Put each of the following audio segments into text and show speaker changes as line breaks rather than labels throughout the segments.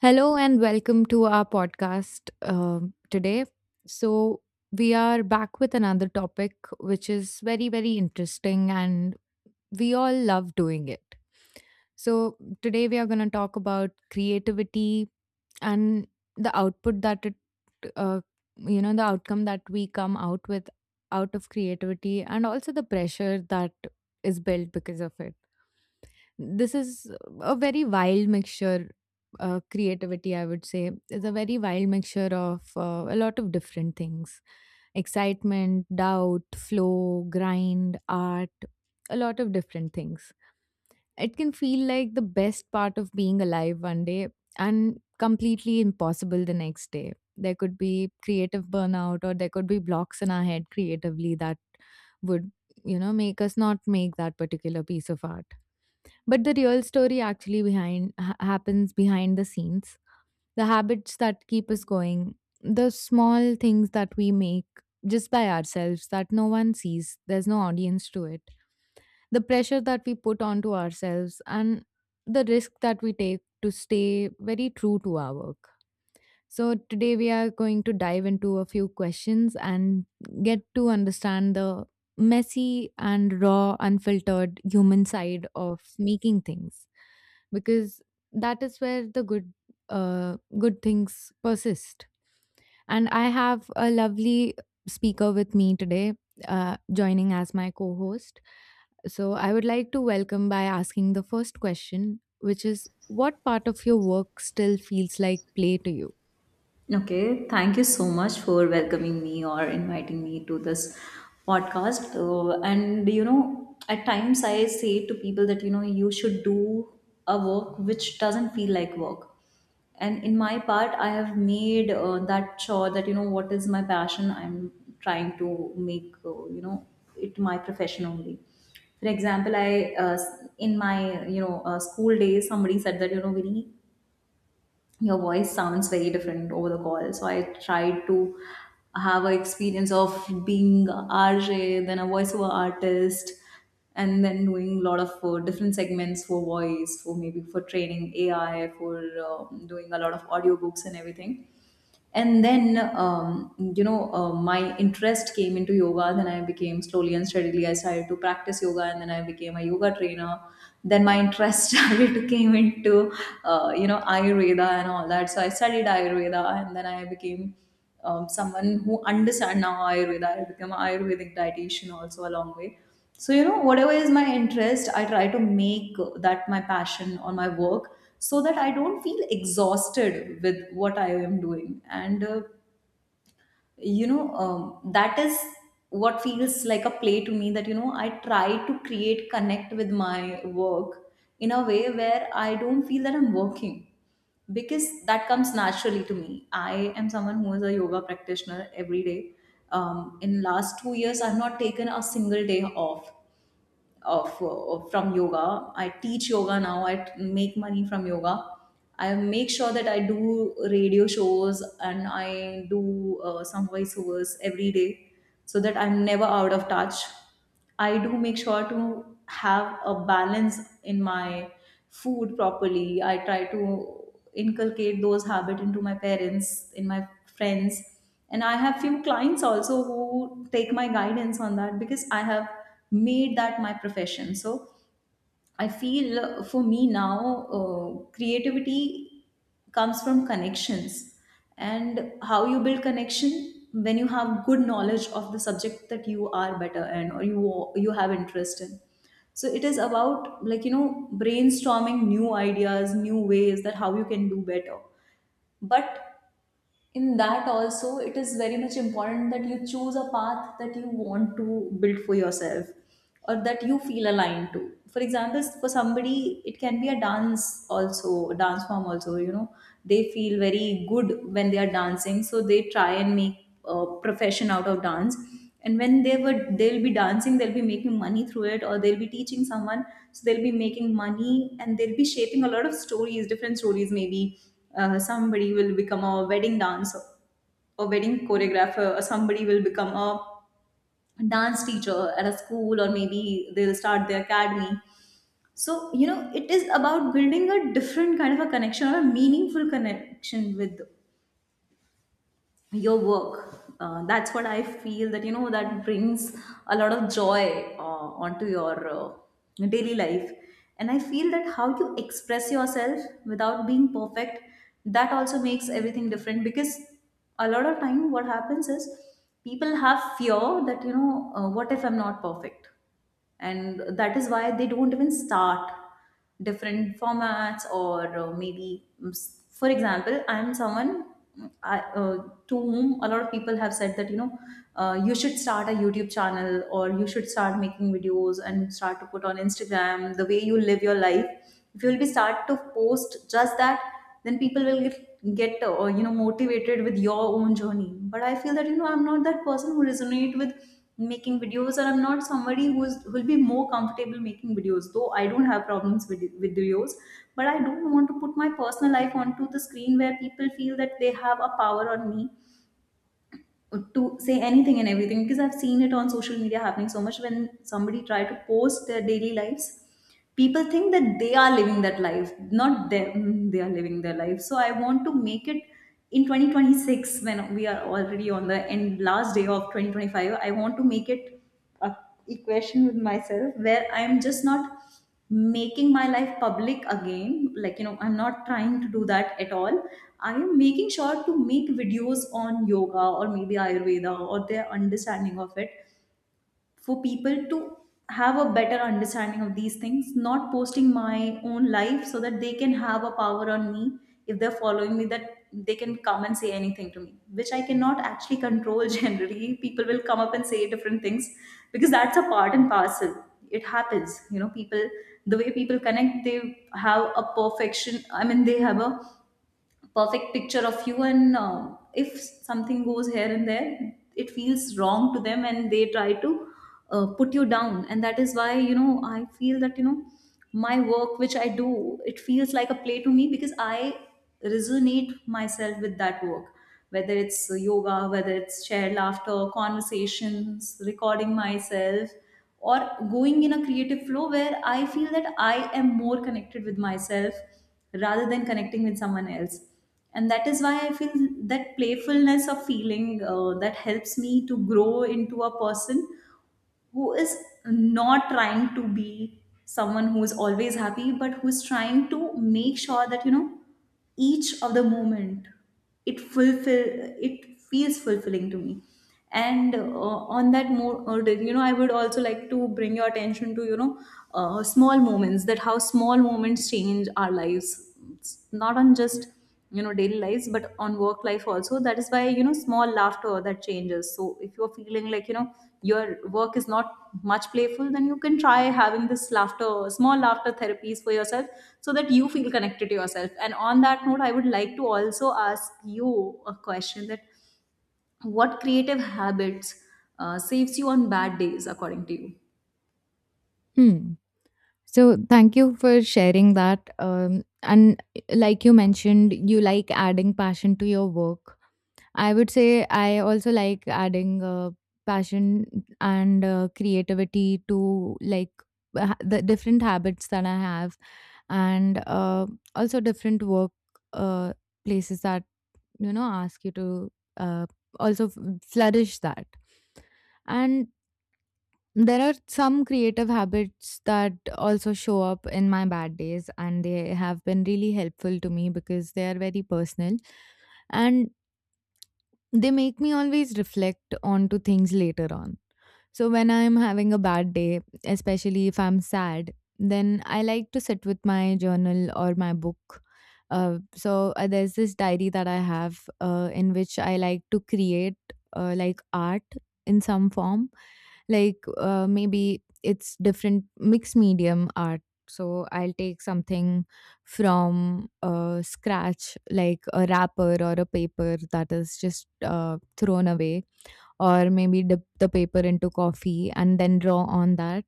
Hello and welcome to our podcast today. So, we are back with another topic which is very, very interesting and we all love doing it. So, today we are going to talk about creativity and the output that it, uh, you know, the outcome that we come out with out of creativity, and also the pressure that is built because of it. This is a very wild mixture. Creativity, I would say, is a very wild mixture of a lot of different things: excitement, doubt, flow, grind, art, a lot of different things. It can feel like the best part of being alive one day, and completely impossible the next day. There could be creative burnout, or there could be blocks in our head creatively that would, you know, make us not make that particular piece of art. But the real story actually behind happens behind the scenes. The habits that keep us going, the small things that we make just by ourselves that no one sees, there's no audience to it. The pressure that we put onto ourselves, and the risk that we take to stay very true to our work. So, today we are going to dive into a few questions and get to understand the messy and raw, unfiltered human side of making things, because that is where the good things persist. And I have a lovely speaker with me today, joining as my co host. So, I would like to welcome by asking the first question, which is: what part of your work still feels like play to you?
Okay, thank you so much for welcoming me or inviting me to this podcast. And at times I say to people that you should do a work which doesn't feel like work. And in my part, I have made that sure that what is my passion. I'm trying to make it my profession only. For example, I in my school days, somebody said that Vinny, your voice sounds very different over the call. So I tried to have an experience of being a RJ, then a voiceover artist, and then doing a lot of different segments for voice, for maybe for training AI, for doing a lot of audiobooks and everything. And then my interest came into yoga. Then I became, slowly and steadily I started to practice yoga, and then I became a yoga trainer. Then my interest started to came into ayurveda and all that. So I studied ayurveda, and then I became someone who understand now ayurveda. I become an ayurvedic dietitian also, a long way. So whatever is my interest, I try to make that my passion or my work, so that I don't feel exhausted with what I am doing. And that is what feels like a play to me. That I try to create connect with my work in a way where I don't feel that I'm working, because that comes naturally to me. I am someone who is a yoga practitioner every day. In last 2 years I've not taken a single day off of from yoga. I teach yoga now. I make money from yoga. I make sure that I do radio shows and I do some voiceovers every day, so that I'm never out of touch. I do make sure to have a balance in my food properly. I try to inculcate those habits into my parents, in my friends. And I have few clients also who take my guidance on that, because I have made that my profession. So I feel, for me now, creativity comes from connections, and how you build connection when you have good knowledge of the subject that you are better in, or you have interest in. So it is about, like, brainstorming new ideas, new ways that how you can do better. But in that also, it is very much important that you choose a path that you want to build for yourself, or that you feel aligned to. For example, for somebody it can be a dance also, a dance form also, they feel very good when they are dancing, so they try and make a profession out of dance. And when they'll be dancing, they'll be making money through it, or they'll be teaching someone, so they'll be making money. And they'll be shaping a lot of stories, different stories. Maybe somebody will become a wedding dancer, or wedding choreographer, or somebody will become a dance teacher at a school, or maybe they'll start their academy. So it is about building a different kind of a connection, or a meaningful connection with your work. That's what I feel, that that brings a lot of joy onto your daily life. And I feel that how you express yourself without being perfect, that also makes everything different. Because a lot of time what happens is, people have fear that what if I'm not perfect, and that is why they don't even start different formats. Or for example, I'm someone mm, I, to whom a lot of people have said that you should start a YouTube channel, or you should start making videos and start to put on Instagram the way you live your life. If you'll be start to post just that, then people will get motivated with your own journey. But I feel that I'm not that person who resonate with making videos, or I'm not somebody who'll be more comfortable making videos, though I don't have problems with videos. But I don't want to put my personal life onto the screen, where people feel that they have a power on me to say anything and everything, because I've seen it on social media happening so much when somebody try to post their daily lives. People think that they are living that life, not them. They are living their life. So I want to make it, in 2026, when we are already on the end last day of 2025, I want to make it a equation with myself where I'm just not making my life public again. Like, I'm not trying to do that at all. I am making sure to make videos on yoga, or maybe ayurveda, or their understanding of it, for people to have a better understanding of these things, not posting my own life so that they can have a power on me if they're following me, that they can come and say anything to me, which I cannot actually control generally. People will come up and say different things, because that's a part and parcel. It happens. People, the way people connect, they have a perfection. I mean, they have a perfect picture of you, and if something goes here and there, it feels wrong to them, and they try to put you down. And that is why I feel that my work which I do, it feels like a play to me, because I resonate myself with that work. Whether it's yoga, whether it's shared laughter conversations, recording myself, or going in a creative flow where I feel that I am more connected with myself rather than connecting with someone else. And that is why I feel that playfulness of feeling, that helps me to grow into a person who is not trying to be someone who is always happy, but who's trying to make sure that each of the moment, it fulfill it feels fulfilling to me. And on that more, I would also like to bring your attention to, small moments, that how small moments change our lives. It's not on just daily lives, but on work life also. That is why small laughter, that changes. So if you're feeling like your work is not much playful, then you can try having this laughter, small laughter therapies for yourself, so that you feel connected to yourself. And on that note, I would like to also ask you a question, that what creative habits saves you on bad days, according to you?
Hmm. So thank you for sharing that. And like you mentioned, you like adding passion to your work. I would say I also like adding passion and creativity to like the different habits that I have, and also different work uh, places that, you know, ask you to, uh, also f- flourish that. And there are some creative habits that also show up in my bad days, and they have been really helpful to me because they are very personal, and they make me always reflect onto things later on. So when I'm having a bad day, especially if I'm sad, then I like to sit with my journal or my book. So there's this diary that I have in which I like to create like art in some form, like maybe it's different mixed medium art. So I'll take something from scratch, like a wrapper or a paper that is just thrown away, or maybe dip the paper into coffee and then draw on that.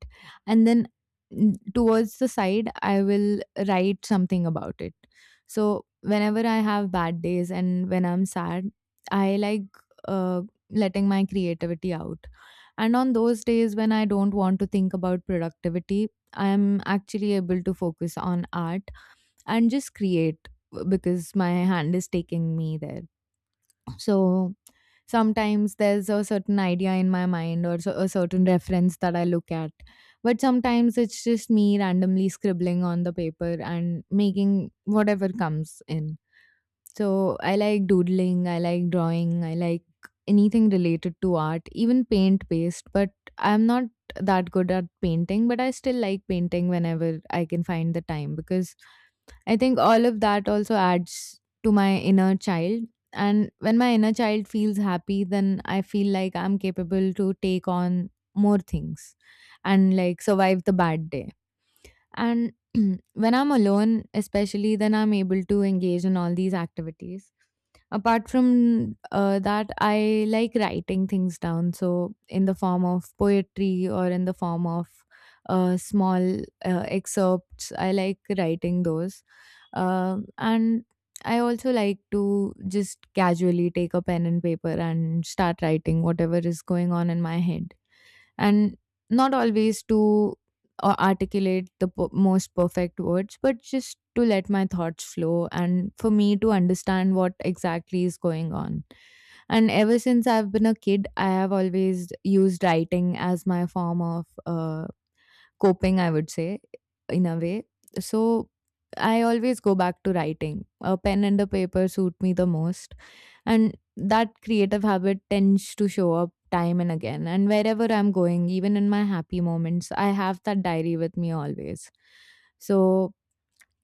And then towards the side, I will write something about it. So whenever I have bad days and when I'm sad, I like, uh, letting my creativity out. And on those days when I don't want to think about productivity, I am actually able to focus on art and just create, because my hand is taking me there. So sometimes there's a certain idea in my mind, or so, a certain reference that I look at. But sometimes it's just me randomly scribbling on the paper and making whatever comes in. So I like doodling, I like drawing, I like anything related to art, even paint based, but I'm not that good at painting, but I still like painting whenever I can find the time, because I think all of that also adds to my inner child. And when my inner child feels happy, then I feel like I'm capable to take on more things and like survive the bad day. And when I'm alone, especially, then I'm able to engage in all these activities. Apart from that, I like writing things down. So, in the form of poetry or in the form of small excerpts, I like writing those. And I also like to just casually take a pen and paper and start writing whatever is going on in my head, and not always to articulate the most perfect words, but just to let my thoughts flow and for me to understand what exactly is going on. And ever since I've been a kid, I have always used writing as my form of coping, I would say, in a way. So I always go back to writing. A pen and a paper suit me the most. And that creative habit tends to show up time and again. And wherever I'm going, even in my happy moments, I have that diary with me always. So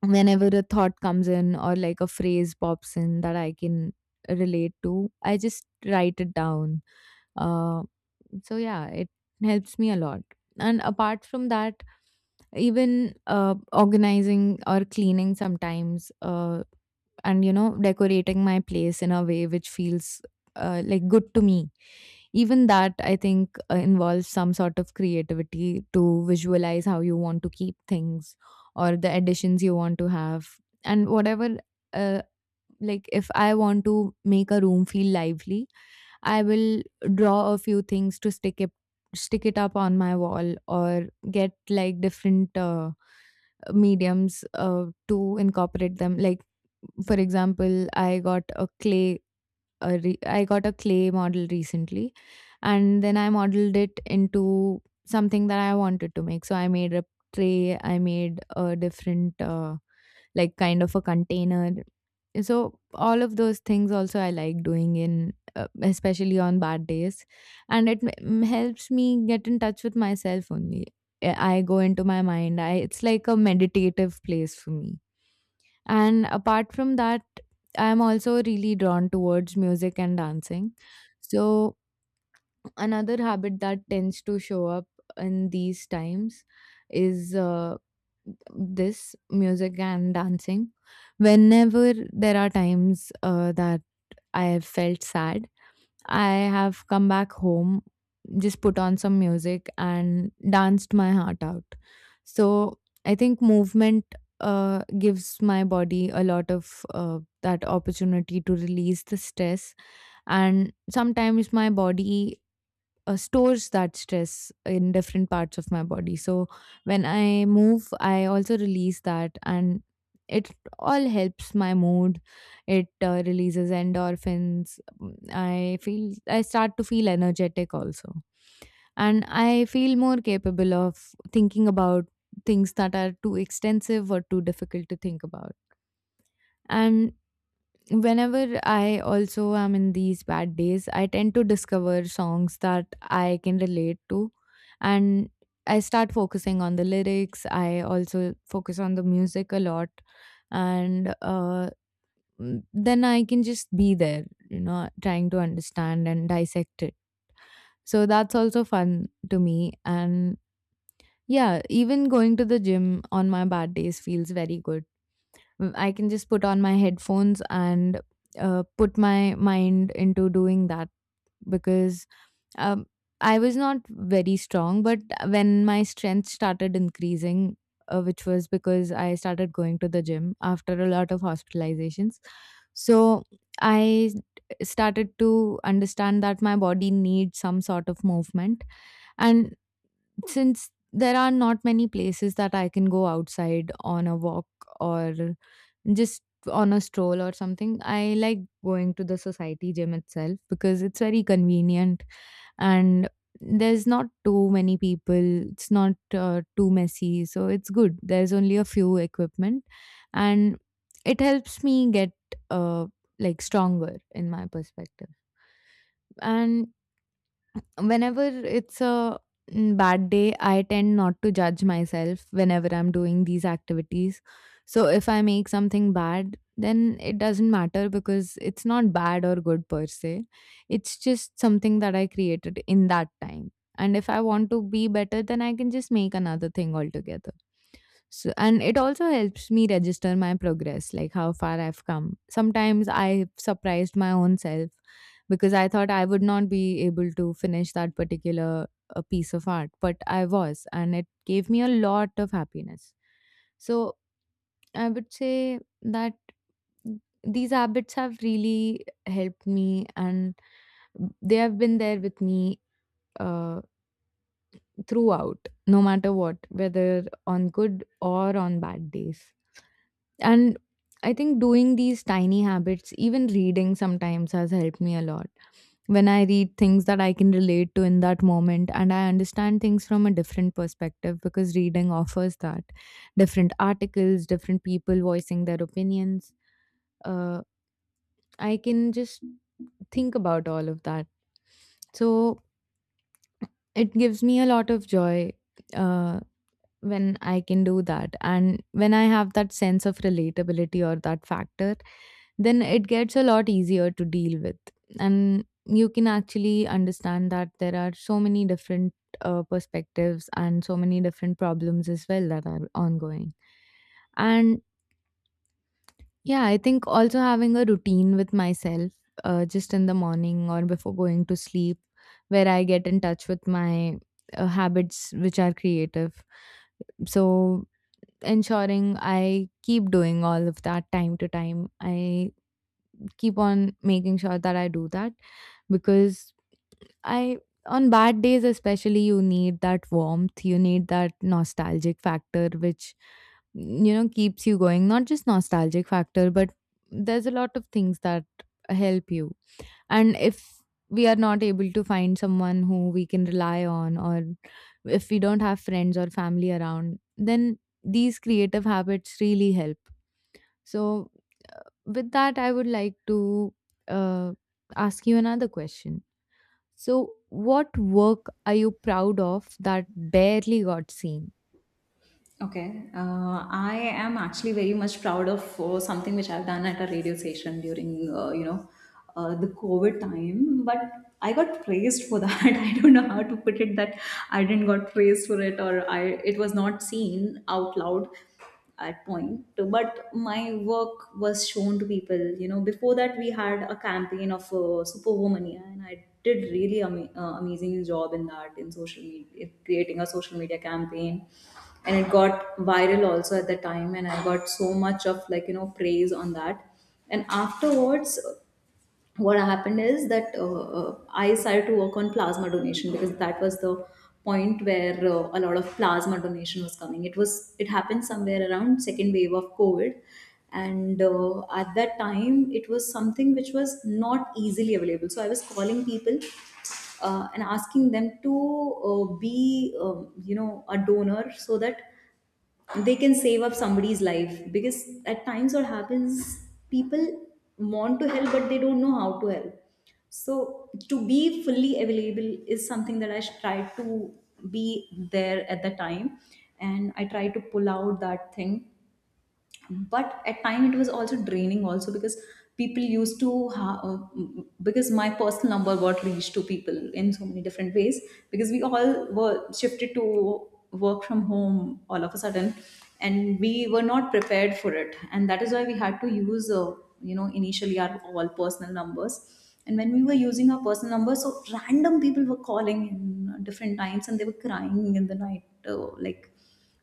whenever a thought comes in or like a phrase pops in that I can relate to, I just write it down. Uh, so yeah, it helps me a lot. And apart from that, even organizing or cleaning sometimes, and, you know, decorating my place in a way which feels like good to me. Even that, I think, involves some sort of creativity to visualize how you want to keep things, or the additions you want to have, and whatever. Uh, like if I want to make a room feel lively, I will draw a few things to stick it up on my wall, or get like different mediums to incorporate them. Like for example, I got a I got a clay model recently, and then I modeled it into something that I wanted to make. So I made a tray, I made a different like kind of a container. So all of those things also I like doing in, especially on bad days, and it helps me get in touch with myself only. I go into my mind. It's like a meditative place for me. And apart from that, I'm also really drawn towards music and dancing. So another habit that tends to show up in these times is this music and dancing. Whenever there are times that I have felt sad, I have come back home, just put on some music and danced my heart out. So I think movement gives my body a lot of that opportunity to release the stress. And sometimes my body stores that stress in different parts of my body. So when I move, I also release that, and it all helps my mood. It releases endorphins. Mm, I feel I start to feel energetic also, and I feel more capable of thinking about things that are too extensive or too difficult to think about. And whenever I also am in these bad days, I tend to discover songs that I can relate to. And I start focusing on the lyrics. I also focus on the music a lot. And then I can just be there, you know, trying to understand and dissect it. So that's also fun to me. And yeah, even going to the gym on my bad days feels very good. Mm, I can just put on my headphones and put my mind into doing that, because um, I was not very strong. But when my strength started increasing, which was because I started going to the gym after a lot of hospitalizations, so I started to understand that my body needs some sort of movement. And since there are not many places that I can go outside, on a walk or just on a stroll or something, I like going to the society gym itself because it's very convenient, and there's not too many people. It's not too messy, so it's good. There's only a few equipment, and it helps me get uh, like stronger in my perspective. And whenever it's a bad day, I tend not to judge myself whenever I'm doing these activities. So if I make something bad, then it doesn't matter because it's not bad or good per se. It's just something that I created in that time. And if I want to be better, then I can just make another thing altogether. So, and it also helps me register my progress, like how far I've come. Sometimes I've surprised my own self because I thought I would not be able to finish that particular piece of art, but I was, and it gave me a lot of happiness. So I would say that these habits have really helped me, and they have been there with me uh, throughout, no matter what, whether on good or on bad days. And I think doing these tiny habits, even reading sometimes, has helped me a lot. When I read things that I can relate to in that moment, and I understand things from a different perspective, because reading offers that — different articles, different people voicing their opinions. Uh, I can just think about all of that. So it gives me a lot of joy uh, when I can do that. And when I have that sense of relatability or that factor, then it gets a lot easier to deal with. And you can actually understand that there are so many different perspectives and so many different problems as well that are ongoing. And yeah, I think also having a routine with myself, just in the morning or before going to sleep, where I get in touch with my habits which are creative. So ensuring I keep doing all of that time to time. I keep on making sure that I do that because I on bad days especially, you need that warmth, you need that nostalgic factor which, keeps you going. Not just nostalgic factor, but there's a lot of things that help you. And if we are not able to find someone who we can rely on, or if we don't have friends or family around, then these creative habits really help. So with that, I would like to uh, ask you another question. So, what work are you proud of that barely got seen?
Okay, I am actually very much proud of something which I've done at a radio station during, the COVID time. But I got praised for that. I don't know how to put it, that I didn't got praised for it, or I it was not seen out loud at point. But my work was shown to people. Before that, we had a campaign of superwoman, yeah, and I did really amazing job in that, in social media, creating a social media campaign. And it got viral also at the time, and I got so much of, like, praise on that. And afterwards, what happened is that, I started to work on plasma donation, because that was the point where a lot of plasma donation was coming. It happened somewhere around second wave of COVID, and at that time it was something which was not easily available. So I was calling people and asking them to be a donor so that they can save up somebody's life, because at times what happens, people want to help but they don't know how to help. So to be fully available is something that I tried to be there at the time, and I tried to pull out that thing. But at time it was also draining also, because people used to because my personal number got reached to people in so many different ways, because we all were shifted to work from home all of a sudden and we were not prepared for it, and that is why we had to use initially our all personal numbers. And when we were using our personal numbers, so random people were calling in different times and they were crying in the night, like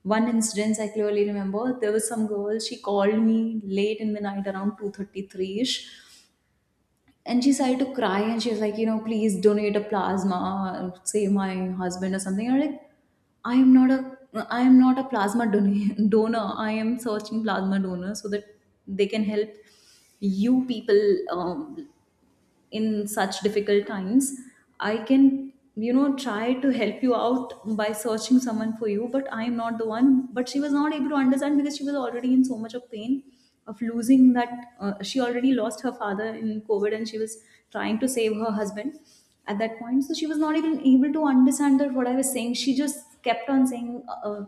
one incident I clearly remember. There was some girl, she called me late in the night around 2:33ish and she started to cry and she was like, you know, please donate a plasma, save my husband or something. And I'm like, I am not a I am not a donor. I am searching plasma donors so that they can help you people in such difficult times. I can, you know, try to help you out by searching someone for you, but I am not the one. But she was not able to understand because she was already in so much of pain of losing that. She already lost her father in COVID and she was trying to save her husband at that point, so she was not even able to understand that what I was saying. She just kept on saying,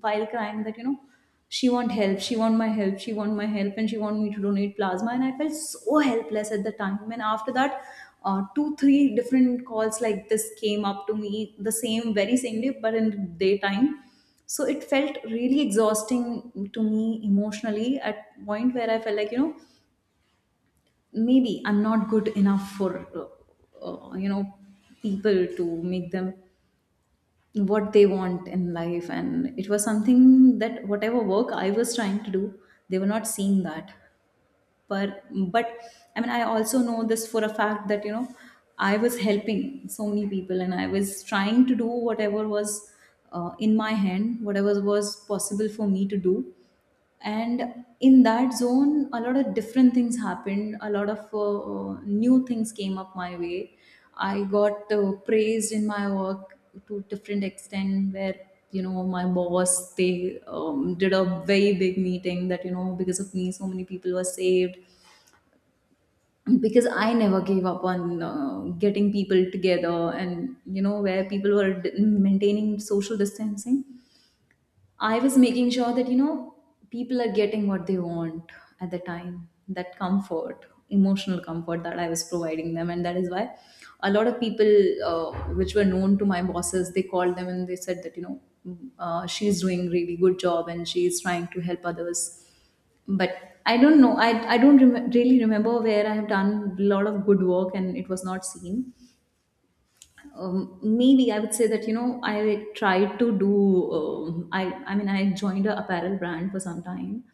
while crying, that, you know, she want help, she want my help, she want my help, and she want me to donate plasma. And I felt so helpless at the time. And after that, two three different calls like this came up to me the same very same day, but in daytime. So it felt really exhausting to me emotionally at point where I felt like, you know, maybe I'm not good enough for uh, uh, you know people to make them what they want in life. And it was something that whatever work I was trying to do, they were not seeing that. But but I mean, I also know this for a fact that, you know, I was helping so many people and I was trying to do whatever was in my hand, whatever was possible for me to do. And in that zone a lot of different things happened, a lot of new things came up my way. I got praised in my work to different extent where, you know, my boss, they did a very big meeting that, you know, because of me so many people were saved, because I never gave up on getting people together and, you know, where people were maintaining social distancing. I was making sure that, you know, people are getting what they want at the time, that comfort, emotional comfort that I was providing them. And that is why a lot of people, which were known to my bosses, they called them and they said that, you know, she's doing really good job and she's trying to help others. But I don't know. I don't really remember where I have done a lot of good work and it was not seen. Maybe I would say that, you know, I tried to do I mean, I joined a apparel brand for some time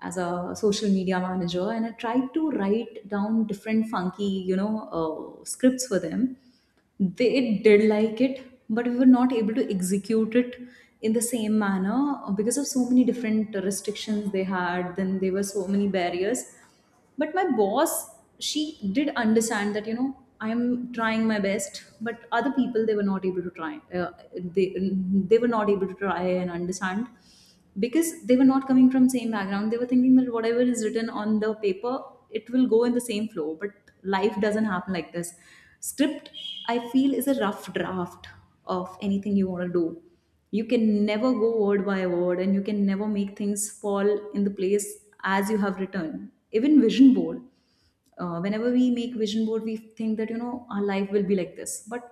as a social media manager, and I tried to write down different funky, you know, scripts for them. They did like it, but we were not able to execute it in the same manner because of so many different restrictions they had. Then there were so many barriers. But my boss, she did understand that, you know, I'm trying my best, but other people, they were not able to try. They they were not able to try and understand, because they were not coming from same background. They were thinking that whatever is written on the paper, it will go in the same flow. But life doesn't happen like this. Script, I feel, is a rough draft of anything you want to do. You can never go word by word and you can never make things fall in the place as you have written. Even vision board, whenever we make vision board we think that, you know, our life will be like this, but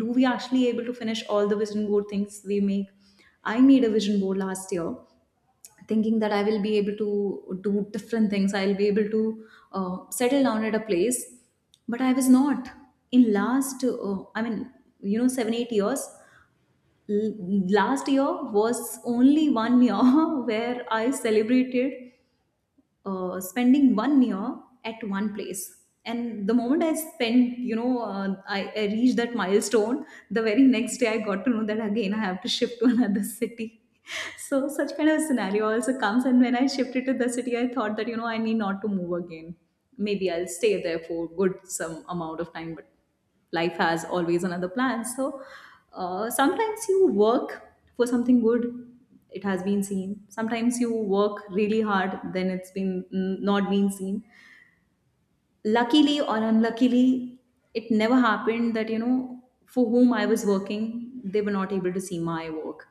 do we actually able to finish all the vision board things we make? I made a vision board last year thinking that I will be able to do different things. I'll be able to settle down at a place, but I was not. In last, 7 8 years. L- Last year was only one year where I celebrated spending one year at one place. And the moment I spent, you know, I reached that milestone, the very next day I got to know that again I have to shift to another city. So such kind of scenario also comes. And when I shifted to the city, I thought that, you know, I need not to move again. Maybe I'll stay there for good some amount of time, but life has always another plan. So sometimes you work for something good, it has been seen. Sometimes you work really hard, then it's been, mm, not been seen. Luckily or unluckily, it never happened that, you know, for whom I was working, they were not able to see my work.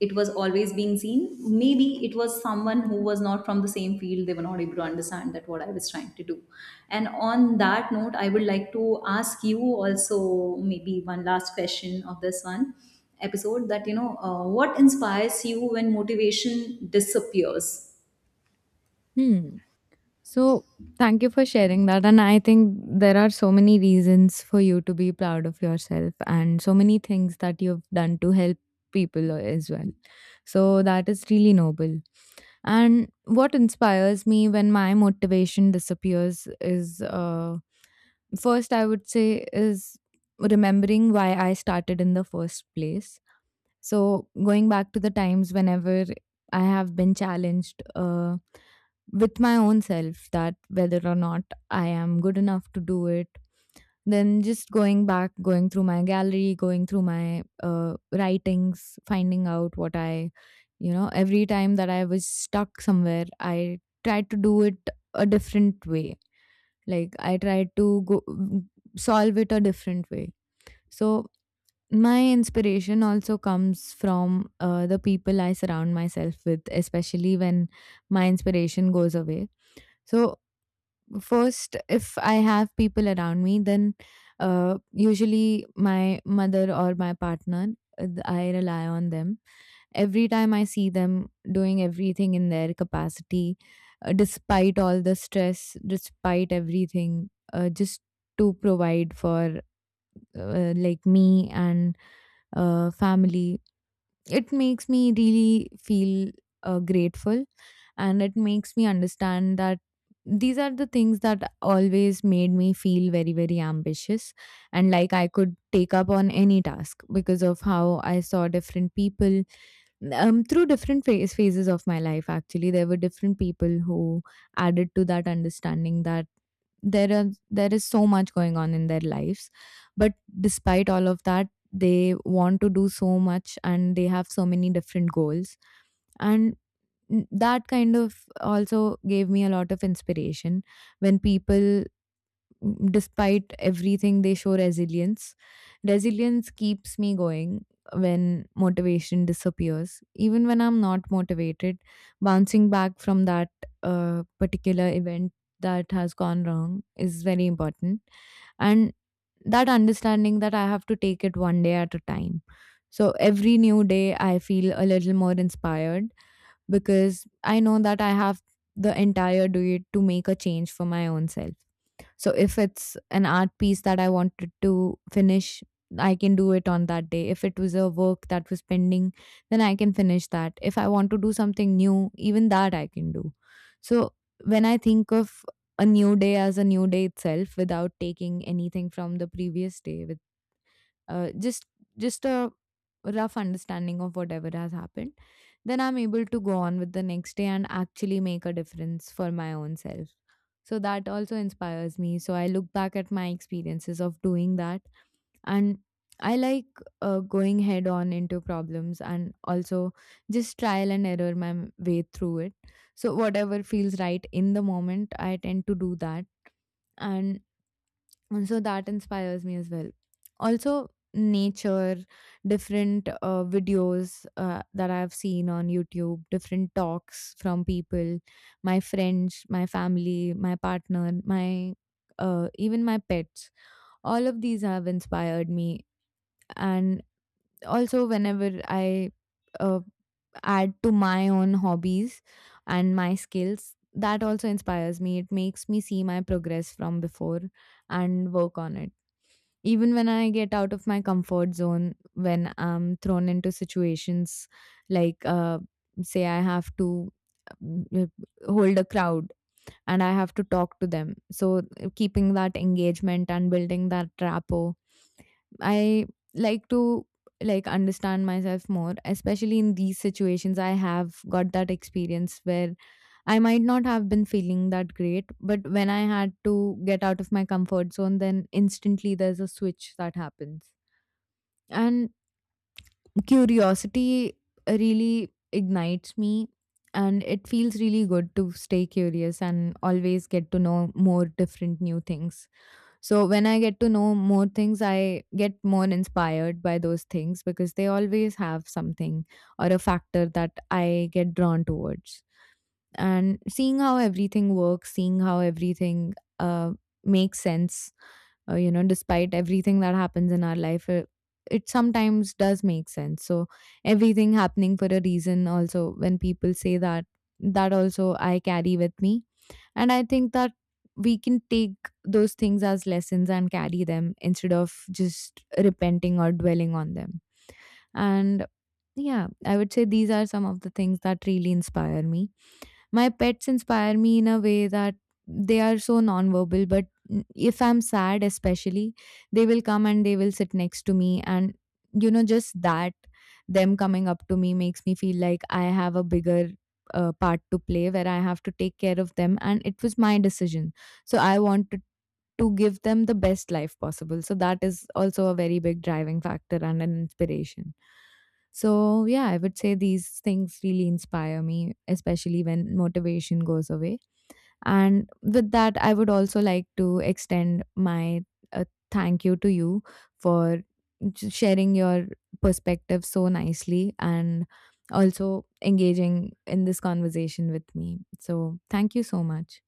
It was always being seen. Maybe it was someone who was not from the same field, they were not able to understand that what I was trying to do. And on that note, I would like to ask you also maybe one last question of this one episode that, you know, what inspires you when motivation disappears?
Hmm. So, thank you for sharing that. And I think there are so many reasons for you to be proud of yourself and so many things that you've done to help people as well. So, that is really noble. And what inspires me when my motivation disappears is, first, I would say, is remembering why I started in the first place. So, going back to the times whenever I have been challenged with my own self, that whether or not I am good enough to do it, then just going back, going through my gallery, going through my writings, finding out what I, you know, every time that I was stuck somewhere, I tried to do it a different way. Like I tried to go solve it a different way. So my inspiration also comes from the people I surround myself with, especially when my inspiration goes away. So first, if I have people around me, then usually my mother or my partner. I rely on them. Every time I see them doing everything in their capacity, despite all the stress, despite everything, just to provide for, like, me and family, it makes me really feel grateful. And it makes me understand that these are the things that always made me feel very, very ambitious, and like I could take up on any task because of how I saw different people through different phases of my life. Actually, there were different people who added to that understanding that there is so much going on in their lives, but despite all of that, they want to do so much and they have so many different goals. And that kind of also gave me a lot of inspiration when people, despite everything, they show resilience. Resilience keeps me going when motivation disappears. Even when I'm not motivated, bouncing back from that particular event that has gone wrong is very important. And that understanding that I have to take it one day at a time. So every new day, I feel a little more inspired because I know that I have the entire day to make a change for my own self. So if it's an art piece that I wanted to finish, I can do it on that day. If it was a work that was pending, then I can finish that. If I want to do something new, even that I can do. So when I think of a new day as a new day itself, without taking anything from the previous day, with uh, just just a rough understanding of whatever has happened, then I'm able to go on with the next day and actually make a difference for my own self. So that also inspires me. So I look back at my experiences of doing that. And I like going head on into problems, and also just trial and error my way through it. So whatever feels right in the moment, I tend to do that. And and so that inspires me as well. Also, nature, different videos that I've seen on YouTube, different talks from people, my friends, my family, my partner, my even my pets. All of these have inspired me. And also, whenever I uh, add to my own hobbies and my skills, that also inspires me. It makes me see my progress from before and work on it even when I get out of my comfort zone, when I'm thrown into situations like, say, I have to um, uh, hold a crowd and I have to talk to them. So, keeping that engagement and building that rapport, I like to like, understand myself more, especially in these situations. I have got that experience where I might not have been feeling that great, but when I had to get out of my comfort zone, then instantly there's a switch that happens. And curiosity really ignites me, and it feels really good to stay curious and always get to know more different new things. So, when I get to know more things, I get more inspired by those things because they always have something or a factor that I get drawn towards, and seeing how everything works, seeing how everything makes sense, you know, despite everything that happens in our life, it sometimes does make sense. So, everything happening for a reason, also, when people say that, that also I carry with me. And I think that we can take those things as lessons and carry them instead of just repenting or dwelling on them. And yeah, I would say these are some of the things that really inspire me. My pets inspire me in a way that they are so nonverbal, but if I'm sad, especially, they will come and they will sit next to me. And, you know, just that, them coming up to me makes me feel like I have a bigger part to play where I have to take care of them. And it was my decision. So I wanted to give them the best life possible. So that is also a very big driving factor and an inspiration. So, yeah, I would say these things really inspire me, especially when motivation goes away. And with that, I would also like to extend my uh, thank you to you for sharing your perspective so nicely and also engaging in this conversation with me. So, thank you so much.